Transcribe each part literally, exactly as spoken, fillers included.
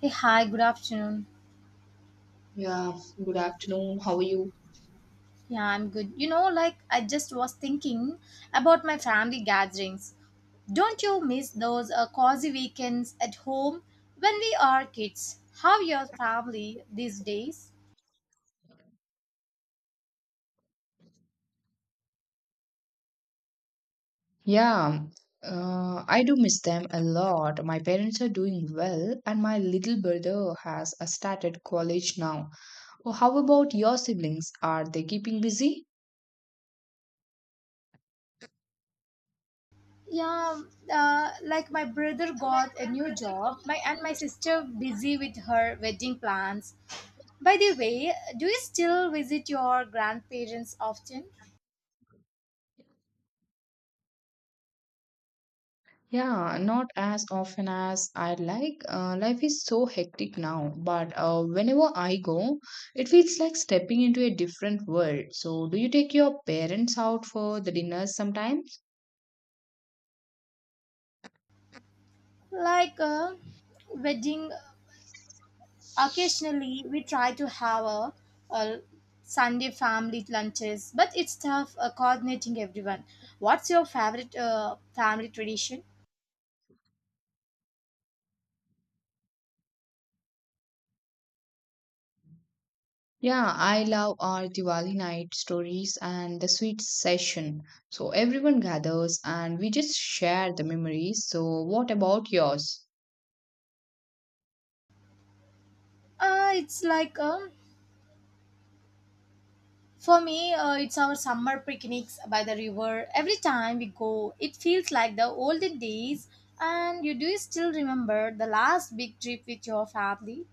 Hey, hi, good afternoon. Yeah, good afternoon. How are you? Yeah, I'm good. You know, like I just was thinking about my family gatherings. Don't you miss those uh, cozy weekends at home when we are kids? How your family these days? Yeah, uh, I do miss them a lot. My parents are doing well, and my little brother has uh, started college now. Oh, how about your siblings? Are they keeping busy? Yeah, uh, like my brother got a new job, my and my sister busy with her wedding plans. By the way, do you still visit your grandparents often? Yeah, not as often as I'd like. Uh, life is so hectic now, but uh, whenever I go, it feels like stepping into a different world. So, do you take your parents out for the dinners sometimes? Like uh, wedding. Occasionally, we try to have a, a Sunday family lunches, but it's tough uh, coordinating everyone. What's your favorite uh, family tradition? Yeah, I love our Diwali night stories and the sweet session. So everyone gathers and we just share the memories. So what about yours? Uh, it's like um, for me, uh, it's our summer picnics by the river. Every time we go, it feels like the olden days. And you do still remember the last big trip with your family?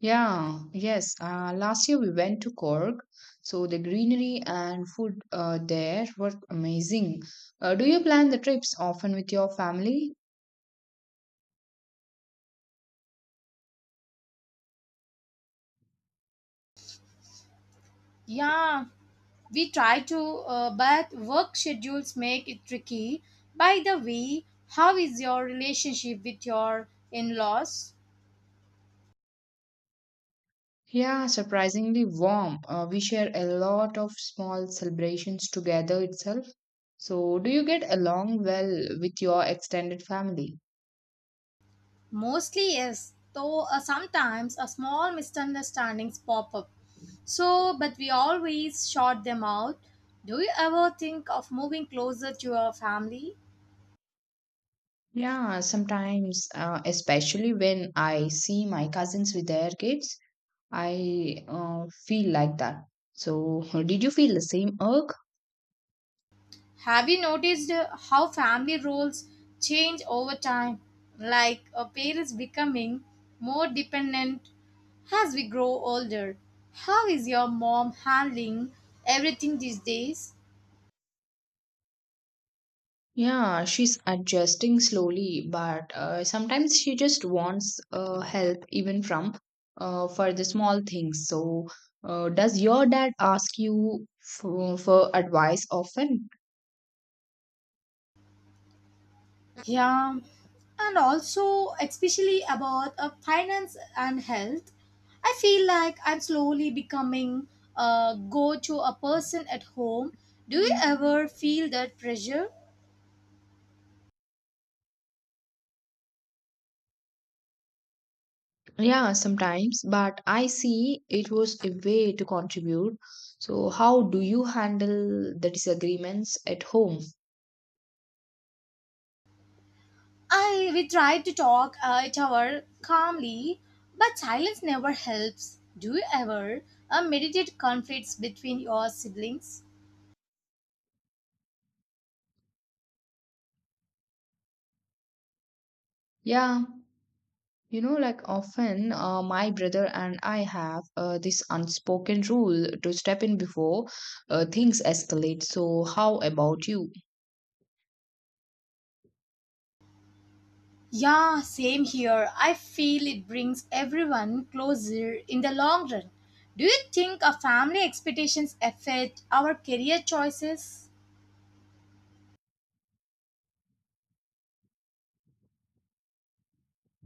Yeah, yes. Uh, last year we went to Cork. So the greenery and food uh, there were amazing. Uh, do you plan the trips often with your family? Yeah, we try to, uh, but work schedules make it tricky. By the way, how is your relationship with your in laws? Yeah, surprisingly warm. Uh, we share a lot of small celebrations together itself. So, do you get along well with your extended family? Mostly, yes, though uh, sometimes a small misunderstandings pop up. So, but we always short them out. Do you ever think of moving closer to your family? Yeah, sometimes, uh, especially when I see my cousins with their kids, I uh, feel like that. So, did you feel the same irk? Have you noticed uh, how family roles change over time? Like uh, parents becoming more dependent as we grow older. How is your mom handling everything these days? Yeah, she's adjusting slowly, but uh, sometimes she just wants uh, help even from uh, for the small things. So, uh, does your dad ask you for, for advice often? Yeah, and also, especially about uh, finance and health, I feel like I'm slowly becoming a go to a person at home. Do you ever feel that pressure? Yeah, sometimes, but I see it was a way to contribute. So, how do you handle the disagreements at home? I we tried to talk uh, it over calmly, but silence never helps. Do you ever uh, meditate conflicts between your siblings? Yeah, you know, like often uh, my brother and I have uh, this unspoken rule to step in before uh, things escalate. So, how about you? Yeah, same here. I feel it brings everyone closer in the long run. Do you think our family expectations affect our career choices?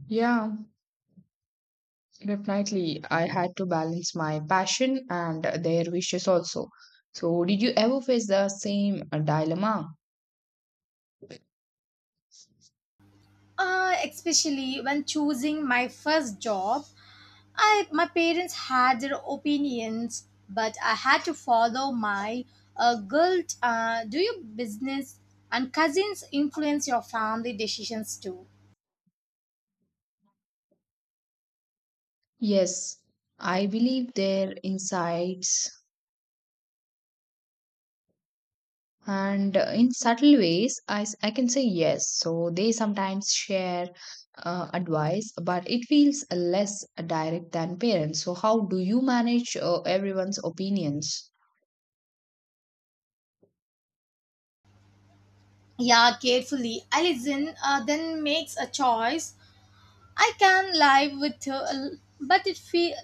Yeah, definitely. I had to balance my passion and their wishes also. So, did you ever face the same uh, dilemma? Uh, especially when choosing my first job, I my parents had their opinions, but I had to follow my uh, guilt. Uh, do your business and cousins influence your family decisions too? Yes, I believe their insights. And uh, in subtle ways, I, s- I can say yes. So they sometimes share uh, advice, but it feels less direct than parents. So, how do you manage uh, everyone's opinions? Yeah, carefully. I listen, uh, then makes a choice. I can live with, uh, but it feel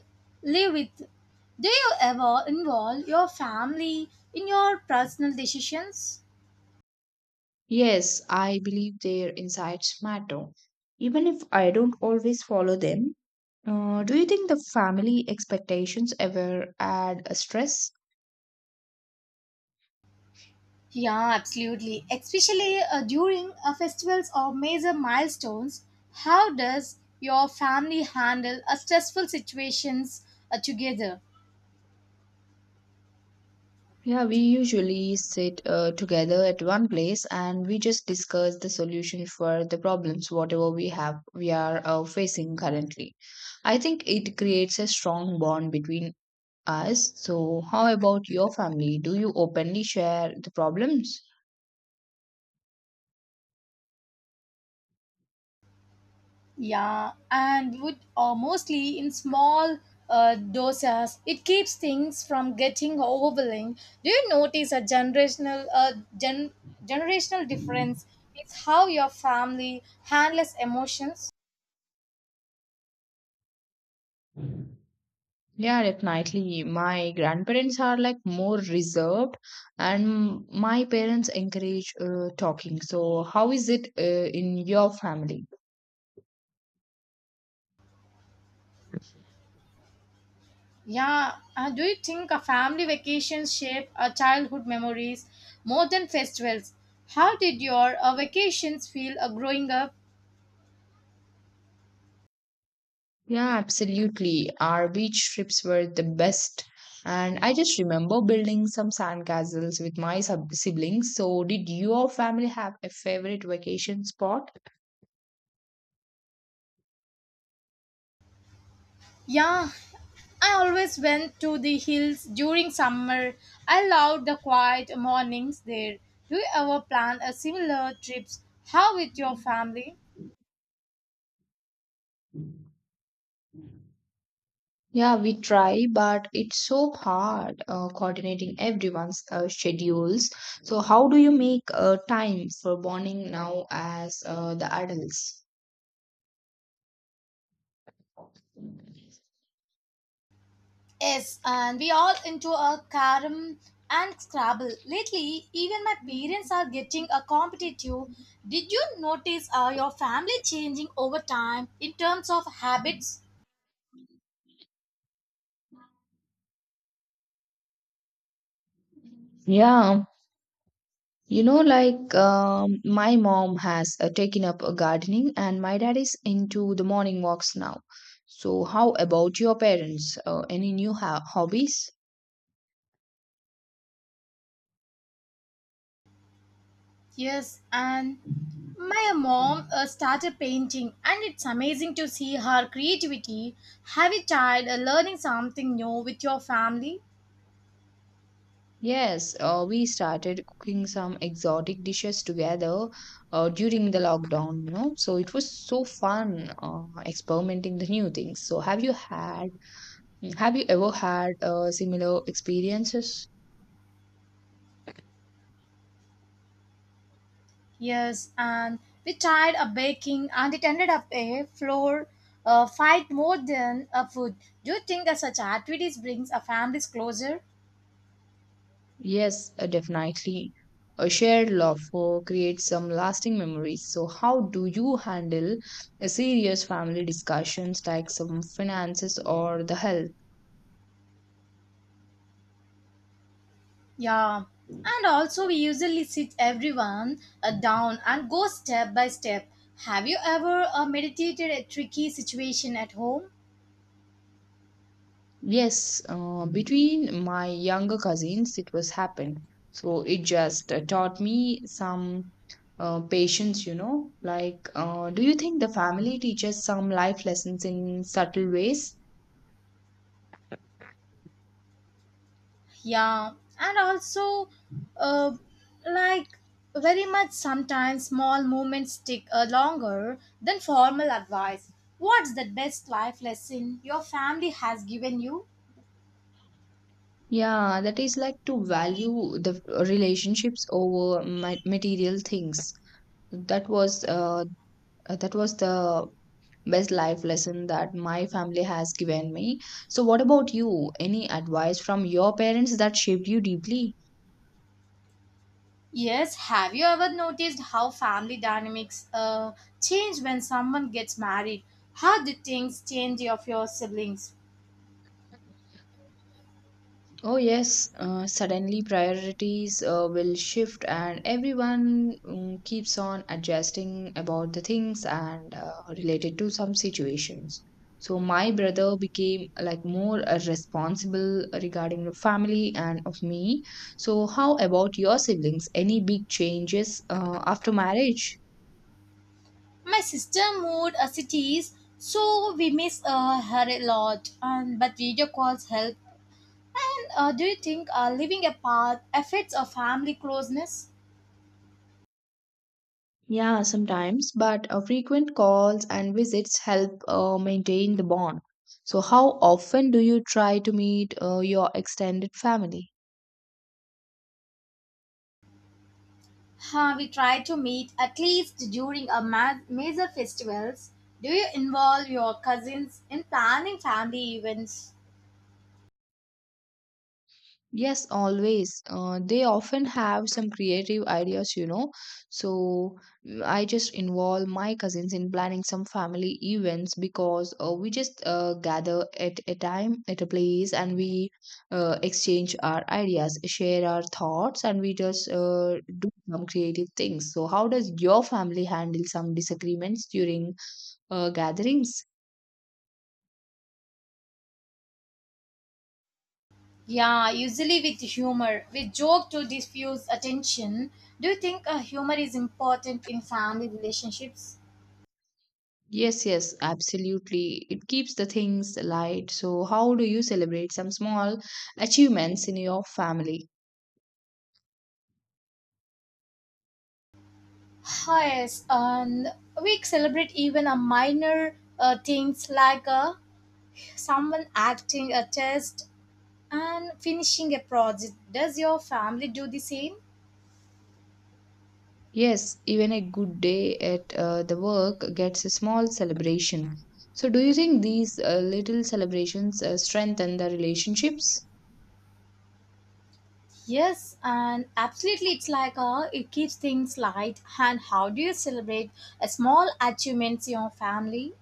live with. Do you ever involve your family in your personal decisions? Yes, I believe their insights matter. Even if I don't always follow them, uh, do you think the family expectations ever add a stress? Yeah, absolutely. Especially uh, during uh, festivals or major milestones, how does your family handle uh, stressful situations uh, together? Yeah, we usually sit uh, together at one place and we just discuss the solution for the problems, whatever we have, we are uh, facing currently. I think it creates a strong bond between us. So, how about your family? Do you openly share the problems? Yeah, and would or mostly in small uh, doses, it keeps things from getting overwhelming. Do you notice a generational uh, gen- generational difference? It's how your family handles emotions. Yeah, definitely. My grandparents are like more reserved, and my parents encourage uh, talking. So, how is it uh, in your family? Yeah. Uh, do you think a family vacation shape our childhood memories more than festivals? How did your uh, vacations feel uh, growing up? Yeah, absolutely. Our beach trips were the best. And I just remember building some sandcastles with my sub- siblings. So, did your family have a favorite vacation spot? Yeah, I always went to the hills during summer. I loved the quiet mornings there. Do you ever plan a similar trips? How with your family? Yeah, we try, but it's so hard uh, coordinating everyone's uh, schedules. So, how do you make uh, time for bonding now as uh, the adults? Yes, and we all into a carom and scrabble. Lately, even my parents are getting a competitive. Did you notice uh, your family changing over time in terms of habits? Yeah, you know, like um, my mom has uh, taken up uh, gardening, and my dad is into the morning walks now. So, how about your parents? Uh, any new ho- hobbies? Yes, and my mom uh, started painting, and it's amazing to see her creativity. Have you tried uh, learning something new with your family? Yes, uh, we started cooking some exotic dishes together uh, during the lockdown, you know. So it was so fun uh, experimenting the new things. So have you had, have you ever had uh, similar experiences? Yes, and we tried a baking and it ended up a floor uh, fight more than a food. Do you think that such activities brings a families closer? Yes, uh, definitely. A shared love for creates some lasting memories. So, how do you handle a serious family discussions like some finances or the health? Yeah. And also we usually sit everyone uh, down and go step by step. Have you ever uh, meditated a tricky situation at home? Yes, uh, between my younger cousins, it was happened. So, it just uh, taught me some uh, patience, you know. Like, uh, do you think the family teaches some life lessons in subtle ways? Yeah, and also, uh, like very much sometimes small movements stick uh, longer than formal advice. What's the best life lesson your family has given you? Yeah, that is like to value the relationships over ma- material things. That was uh, that was the best life lesson that my family has given me. So what about you? Any advice from your parents that shaped you deeply? Yes, have you ever noticed how family dynamics uh, change when someone gets married? How do things change of your siblings? Oh, yes, uh, suddenly priorities uh, will shift, and everyone mm, keeps on adjusting about the things and uh, related to some situations. So, my brother became like more uh, responsible regarding the family and of me. So, how about your siblings? Any big changes uh, after marriage? My sister moved uh, cities, so we miss uh, her a lot. And but video calls help. And uh, do you think uh, living apart affects our family closeness? Yeah, sometimes, but uh, frequent calls and visits help uh, maintain the bond. So, how often do you try to meet uh, your extended family? Uh, we try to meet at least during our ma- major festivals. Do you involve your cousins in planning family events? Yes, always. Uh, they often have some creative ideas, you know. So mm, I just involve my cousins in planning some family events because uh, we just uh, gather at a time, at a place, and we uh, exchange our ideas, share our thoughts, and we just uh, do some creative things. So, how does your family handle some disagreements during uh, gatherings? Yeah, usually with humor. We joke to diffuse attention. Do you think uh, humor is important in family relationships? Yes, yes, absolutely. It keeps the things light. So, how do you celebrate some small achievements in your family? Huh, yes, and we celebrate even a minor uh, things like uh, someone acting a test and finishing a project. Does your family do the same? Yes, even a good day at uh, the work gets a small celebration. So, do you think these uh, little celebrations uh, strengthen the relationships? Yes, and absolutely, it's like uh, it keeps things light. And how do you celebrate a small achievements in your family?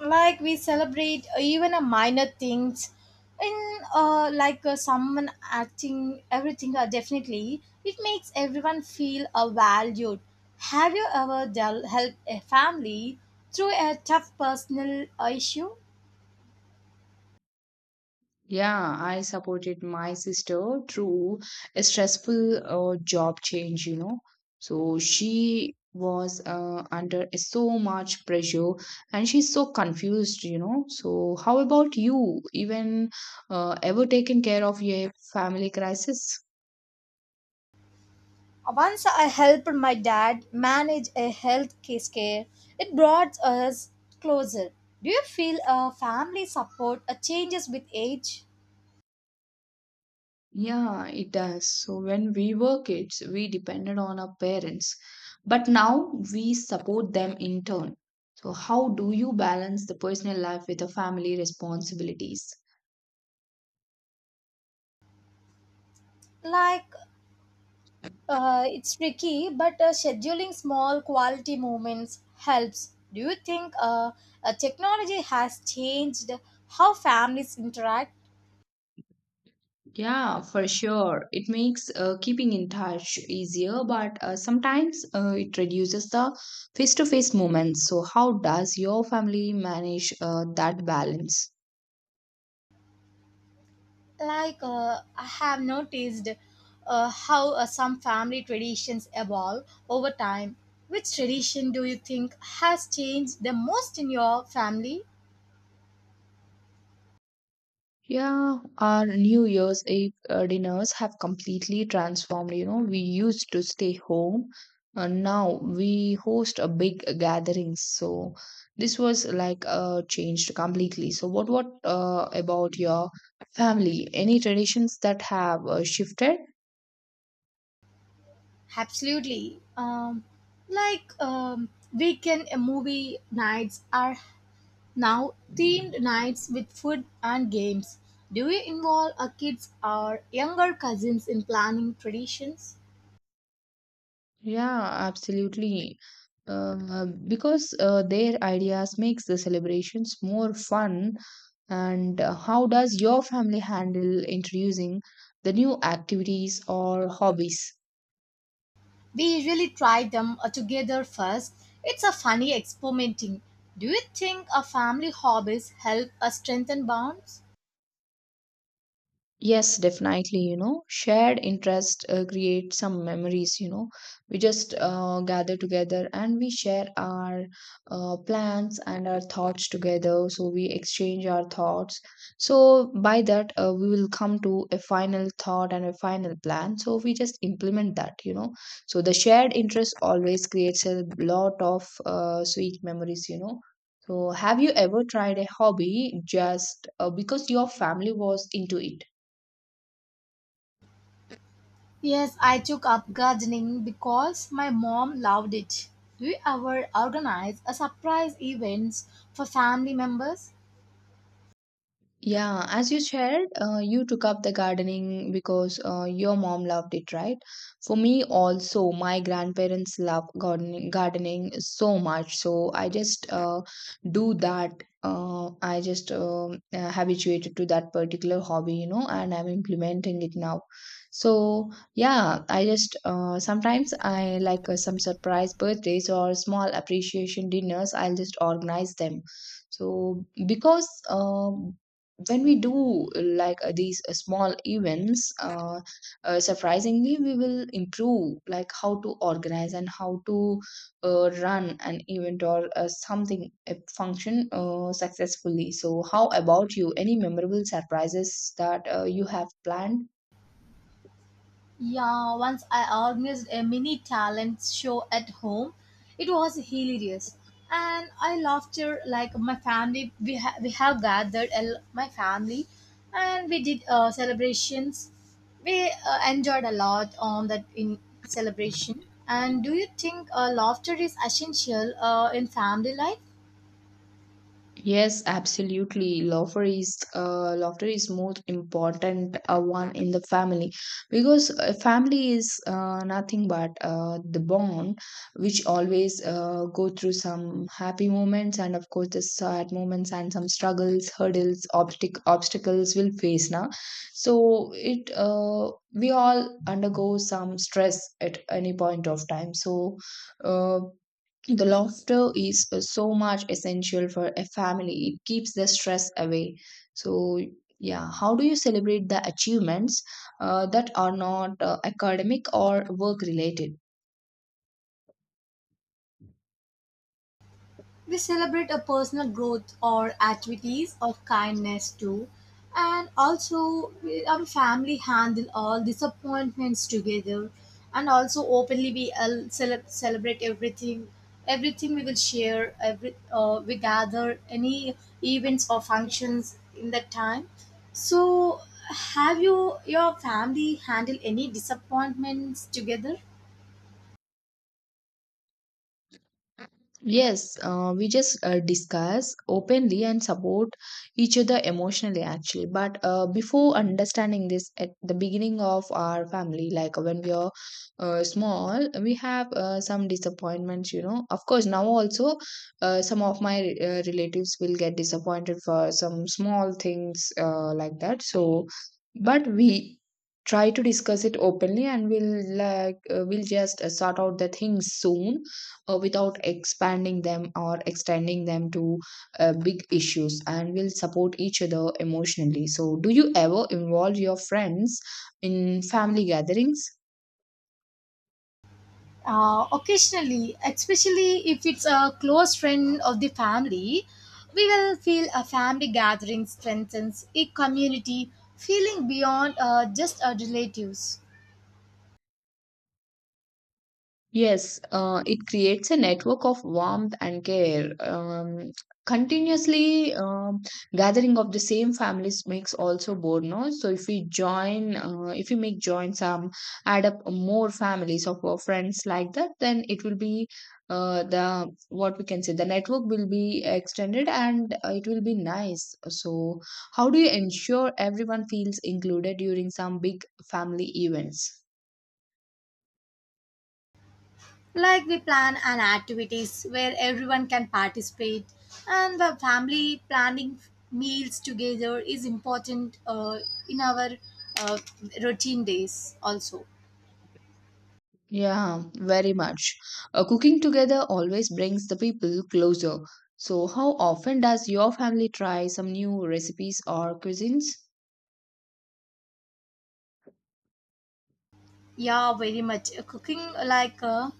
Like we celebrate uh, even a minor things, in uh, like uh, someone acting everything. Uh, definitely, it makes everyone feel uh, valued. Have you ever del- helped a family through a tough personal uh, issue? Yeah, I supported my sister through a stressful uh, job change, you know. So she was uh, under so much pressure and she's so confused, you know. So, how about you? Even uh, ever taken care of your family crisis? Once I helped my dad manage a health case care. It brought us closer. Do you feel uh, family support uh, changes with age? Yeah, it does. So when we were kids, we depended on our parents, but now we support them in turn. So how do you balance the personal life with the family responsibilities? Like uh, it's tricky, but uh, scheduling small quality moments helps. Do you think uh, uh, technology has changed how families interact? Yeah, for sure. It makes uh, keeping in touch easier, but uh, sometimes uh, it reduces the face-to-face moments. So how does your family manage uh, that balance? Like uh, I have noticed uh, how uh, some family traditions evolve over time. Which tradition do you think has changed the most in your family? Yeah, our New Year's Eve uh, dinners have completely transformed. You know, we used to stay home, and now we host a big gathering. So this was like uh, changed completely. So what what uh, about your family? Any traditions that have uh, shifted? Absolutely, um, like um, weekend uh, movie nights are now themed nights with food and games. Do you involve uh, kids or younger cousins in planning traditions? Yeah, absolutely. Uh, because uh, their ideas makes the celebrations more fun. And uh, how does your family handle introducing the new activities or hobbies? We usually try them uh, together first. It's a funny experimenting. Do you think a family hobbies help us strengthen bonds? Yes, definitely. You know, shared interest uh, create some memories. You know, we just uh, gather together and we share our uh, plans and our thoughts together. So we exchange our thoughts. So by that, uh, we will come to a final thought and a final plan. So we just implement that. You know, so the shared interest always creates a lot of uh, sweet memories. You know. So, have you ever tried a hobby just uh, because your family was into it? Yes, I took up gardening because my mom loved it. Do you ever organize a surprise events for family members? Yeah, as you shared, uh, you took up the gardening because uh, your mom loved it, right? For me, also, my grandparents love gardening, gardening so much. So I just uh, do that. Uh, I just um, uh, habituated to that particular hobby, you know, and I'm implementing it now. So yeah, I just uh, sometimes I like uh, some surprise birthdays or small appreciation dinners. I'll just organize them. So because. Uh, when we do uh, like uh, these uh, small events uh, uh, surprisingly we will improve like how to organize and how to uh, run an event or uh, something a function uh, successfully. So how about you? Any memorable surprises that uh, you have planned? Yeah, once I organized a mini talent show at home. It was hilarious, and I laughed till, like my family. We ha- we have gathered el- my family, and we did uh, celebrations. We uh, enjoyed a lot on that in celebration. And do you think uh, laughter is essential uh, in family life? Yes, absolutely. Laughter is uh, laughter is most important uh, one in the family because uh, family is uh, nothing but uh, the bond which always uh, go through some happy moments and of course the sad moments and some struggles, hurdles, obstac obstacles will face now. So it uh, we all undergo some stress at any point of time. So uh, the laughter is uh, so much essential for a family. It keeps the stress away. So, yeah, how do you celebrate the achievements uh, that are not uh, academic or work related? We celebrate a personal growth or activities of kindness too. And also, we, our family handle all disappointments together. And also, openly we all cele- celebrate everything. Everything we will share. Every uh, we gather any events or functions in that time. So, have you your family handle any disappointments together? Yes, uh, we just uh, discuss openly and support each other emotionally, actually. But uh, before understanding this at the beginning of our family, like when we are uh, small, we have uh, some disappointments, you know. Of course, now also uh, some of my uh, relatives will get disappointed for some small things uh, like that. So, but we try to discuss it openly and we'll like uh, we'll just uh, sort out the things soon uh, without expanding them or extending them to uh, big issues and will support each other emotionally. So do you ever involve your friends in family gatherings? Uh, occasionally, especially if it's a close friend of the family, we will feel a family gathering strengthens a community feeling beyond uh, just our relatives. Yes, uh, it creates a network of warmth and care. Um, continuously um, gathering of the same families makes also bore, no? So if we join, uh, if we make join some, add up more families of our friends like that, then it will be uh, the what we can say the network will be extended and uh, it will be nice. So how do you ensure everyone feels included during some big family events? Like we plan an activities where everyone can participate, and the family planning meals together is important uh, in our uh, routine days also. Yeah, very much. Uh, cooking together always brings the people closer. So, how often does your family try some new recipes or cuisines? Yeah, very much. Uh, Cooking uh, like uh,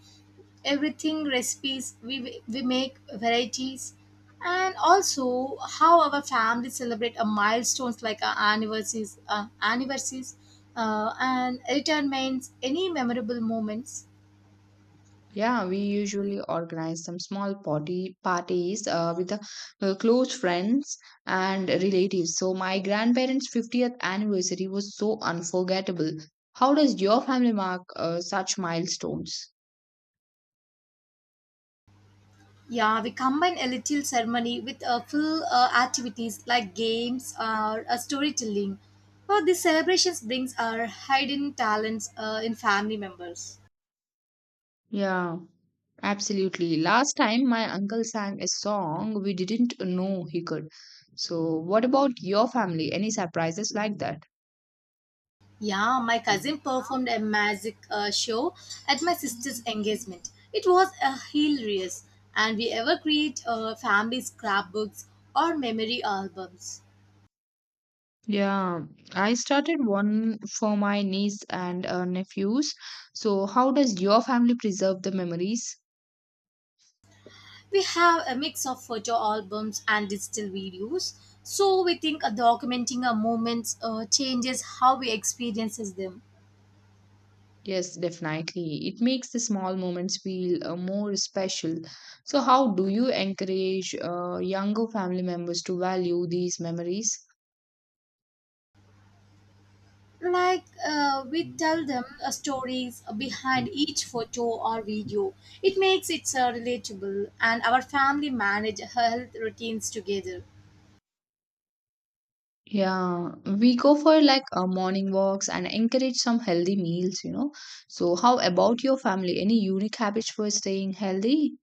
everything recipes we we make varieties, and also how our family celebrate a milestones like our anniversaries, uh, anniversaries, uh, and retirements, any memorable moments. Yeah, we usually organize some small party parties uh, with the uh, close friends and relatives. So, my grandparents' fiftieth anniversary was so unforgettable. How does your family mark uh, such milestones? Yeah, we combine a little ceremony with a full uh, activities like games or uh, storytelling. Well, these celebrations brings our hidden talents uh, in family members. Yeah. Absolutely. Last time my uncle sang a song we didn't know he could. So, what about your family? Any surprises like that? Yeah, my cousin performed a magic uh, show at my sister's engagement. It was a hilarious, and we ever create uh, family scrapbooks or memory albums. Yeah, I started one for my niece and uh, nephews. So, how does your family preserve the memories? We have a mix of photo albums and digital videos, so we think uh, documenting our moments uh, changes how we experiences them. Yes, definitely. It makes the small moments feel uh, more special. So, how do you encourage uh, younger family members to value these memories? Like uh, we tell them uh, stories behind each photo or video. It makes it uh, relatable. And our family manage health routines together. Yeah, we go for like uh, morning walks and encourage some healthy meals, you know. So, how about your family? Any unique habits for staying healthy?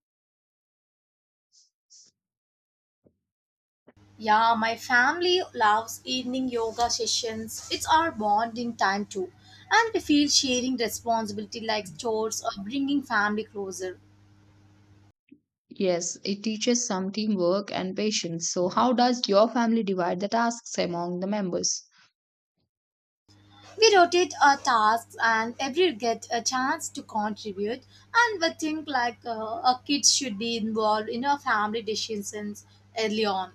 Yeah, my family loves evening yoga sessions. It's our bonding time too. And we feel sharing responsibility like chores or bringing family closer. Yes, it teaches some teamwork and patience. So, how does your family divide the tasks among the members? We rotate our tasks and every get a chance to contribute, and we think like uh, our kids should be involved in our family decisions early on.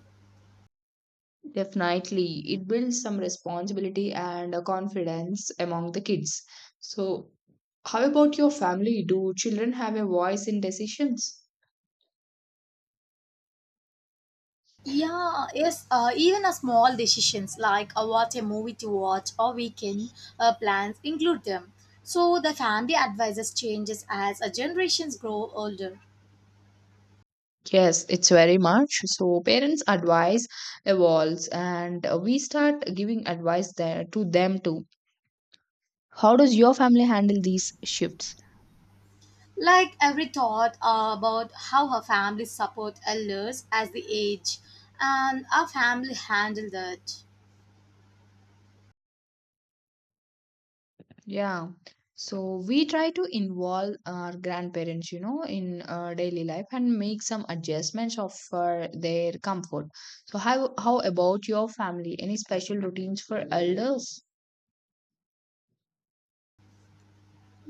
Definitely, it builds some responsibility and uh, confidence among the kids. So, how about your family? Do children have a voice in decisions? Yeah, yes, uh, even a small decisions like uh, what a movie to watch or weekend uh, plans include them. So the family advises changes as uh, generations grow older. Yes, it's very much. So parents' advice evolves, and uh, we start giving advice there to them too. How does your family handle these shifts? Like every thought uh, about how her family support elders as the age and our family handle that. Yeah. So we try to involve our grandparents, you know, in uh, daily life and make some adjustments of for their comfort. So how how about your family? Any special routines for elders?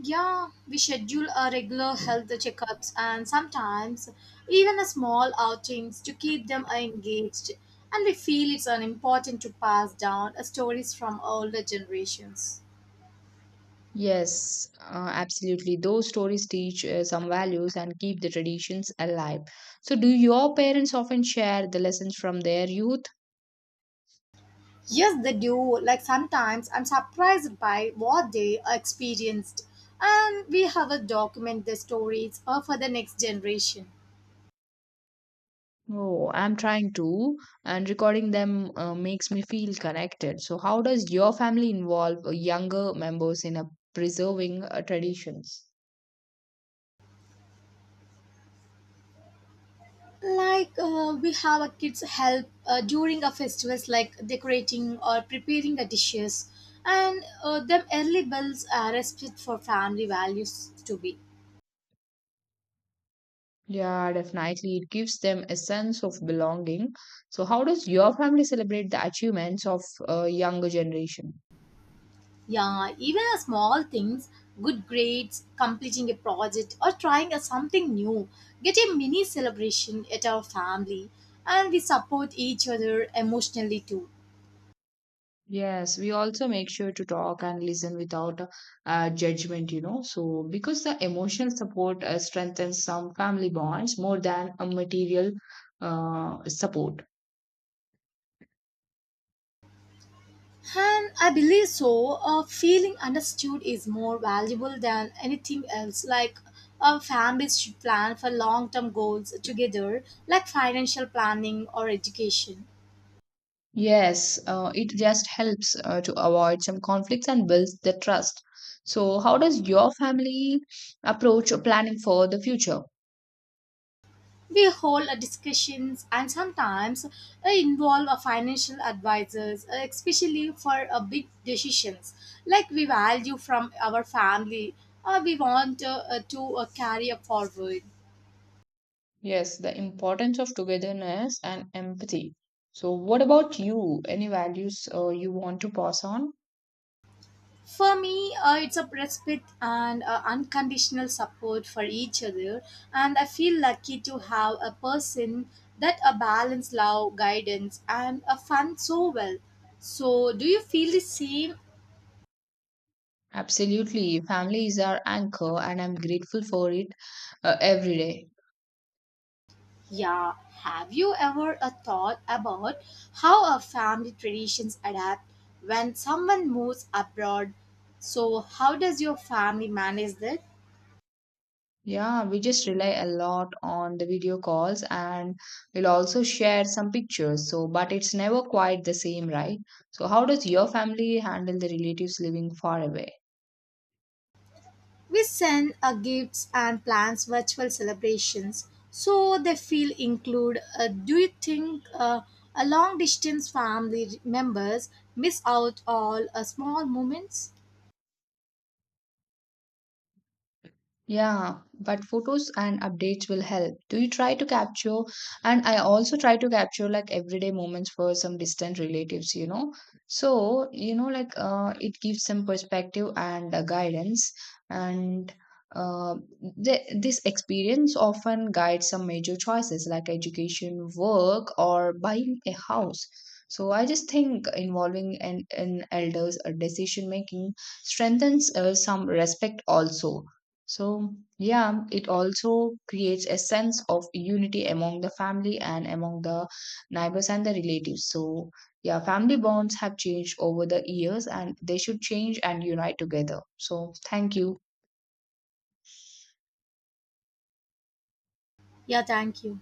Yeah, we schedule our regular health checkups and sometimes even a small outings to keep them engaged. And we feel it's an important to pass down uh, stories from older generations. Yes, uh, absolutely. Those stories teach uh, some values and keep the traditions alive. So, do your parents often share the lessons from their youth? Yes, they do. Like sometimes I'm surprised by what they experienced, and we have a document the stories uh, for the next generation. Oh, I'm trying to, and recording them uh, makes me feel connected. So, how does your family involve uh, younger members in uh, preserving uh, traditions? Like uh, we have a kids help uh, during a festivals like decorating or preparing the dishes, and uh, them early bells are respect for family values to be. Yeah, definitely. It gives them a sense of belonging. So, how does your family celebrate the achievements of uh, younger generation? Yeah, even a small things, good grades, completing a project or trying a something new, get a mini celebration at our family, and we support each other emotionally too. Yes, we also make sure to talk and listen without uh, judgment, you know. So, because the emotional support uh, strengthens some family bonds more than a material uh, support. And I believe so. Uh, feeling understood is more valuable than anything else. Like uh, families should plan for long term goals together, like financial planning or education. Yes, uh, it just helps uh, to avoid some conflicts and builds the trust. So, how does your family approach planning for the future? We hold uh, discussions and sometimes uh, involve uh, financial advisors, uh, especially for uh, big decisions. Like we value from our family, uh, we want uh, uh, to uh, carry uh, forward. Yes, the importance of togetherness and empathy. So, what about you? Any values uh, you want to pass on? For me, uh, it's a respite and uh, unconditional support for each other, and I feel lucky to have a person that a balance love, guidance, and a fun so well. So, do you feel the same? Absolutely. Family is our anchor, and I'm grateful for it uh, every day. Yeah. Have you ever a thought about how our family traditions adapt when someone moves abroad? So, how does your family manage that? Yeah, we just rely a lot on the video calls, and we'll also share some pictures. So, but it's never quite the same, right? So, how does your family handle the relatives living far away? We send uh, gifts and plans virtual celebrations so they feel included. Uh, do you think uh, a long distance family members miss out all uh, small moments? Yeah, but photos and updates will help. Do you try to capture? And I also try to capture like everyday moments for some distant relatives, you know. So, you know, like uh, it gives some perspective and uh, guidance. And uh, th This experience often guides some major choices like education, work, or buying a house. So I just think involving an, an elders or decision making strengthens uh, some respect also. So, yeah, it also creates a sense of unity among the family and among the neighbors and the relatives. So, yeah, family bonds have changed over the years and they should change and unite together. So, thank you. Yeah, thank you.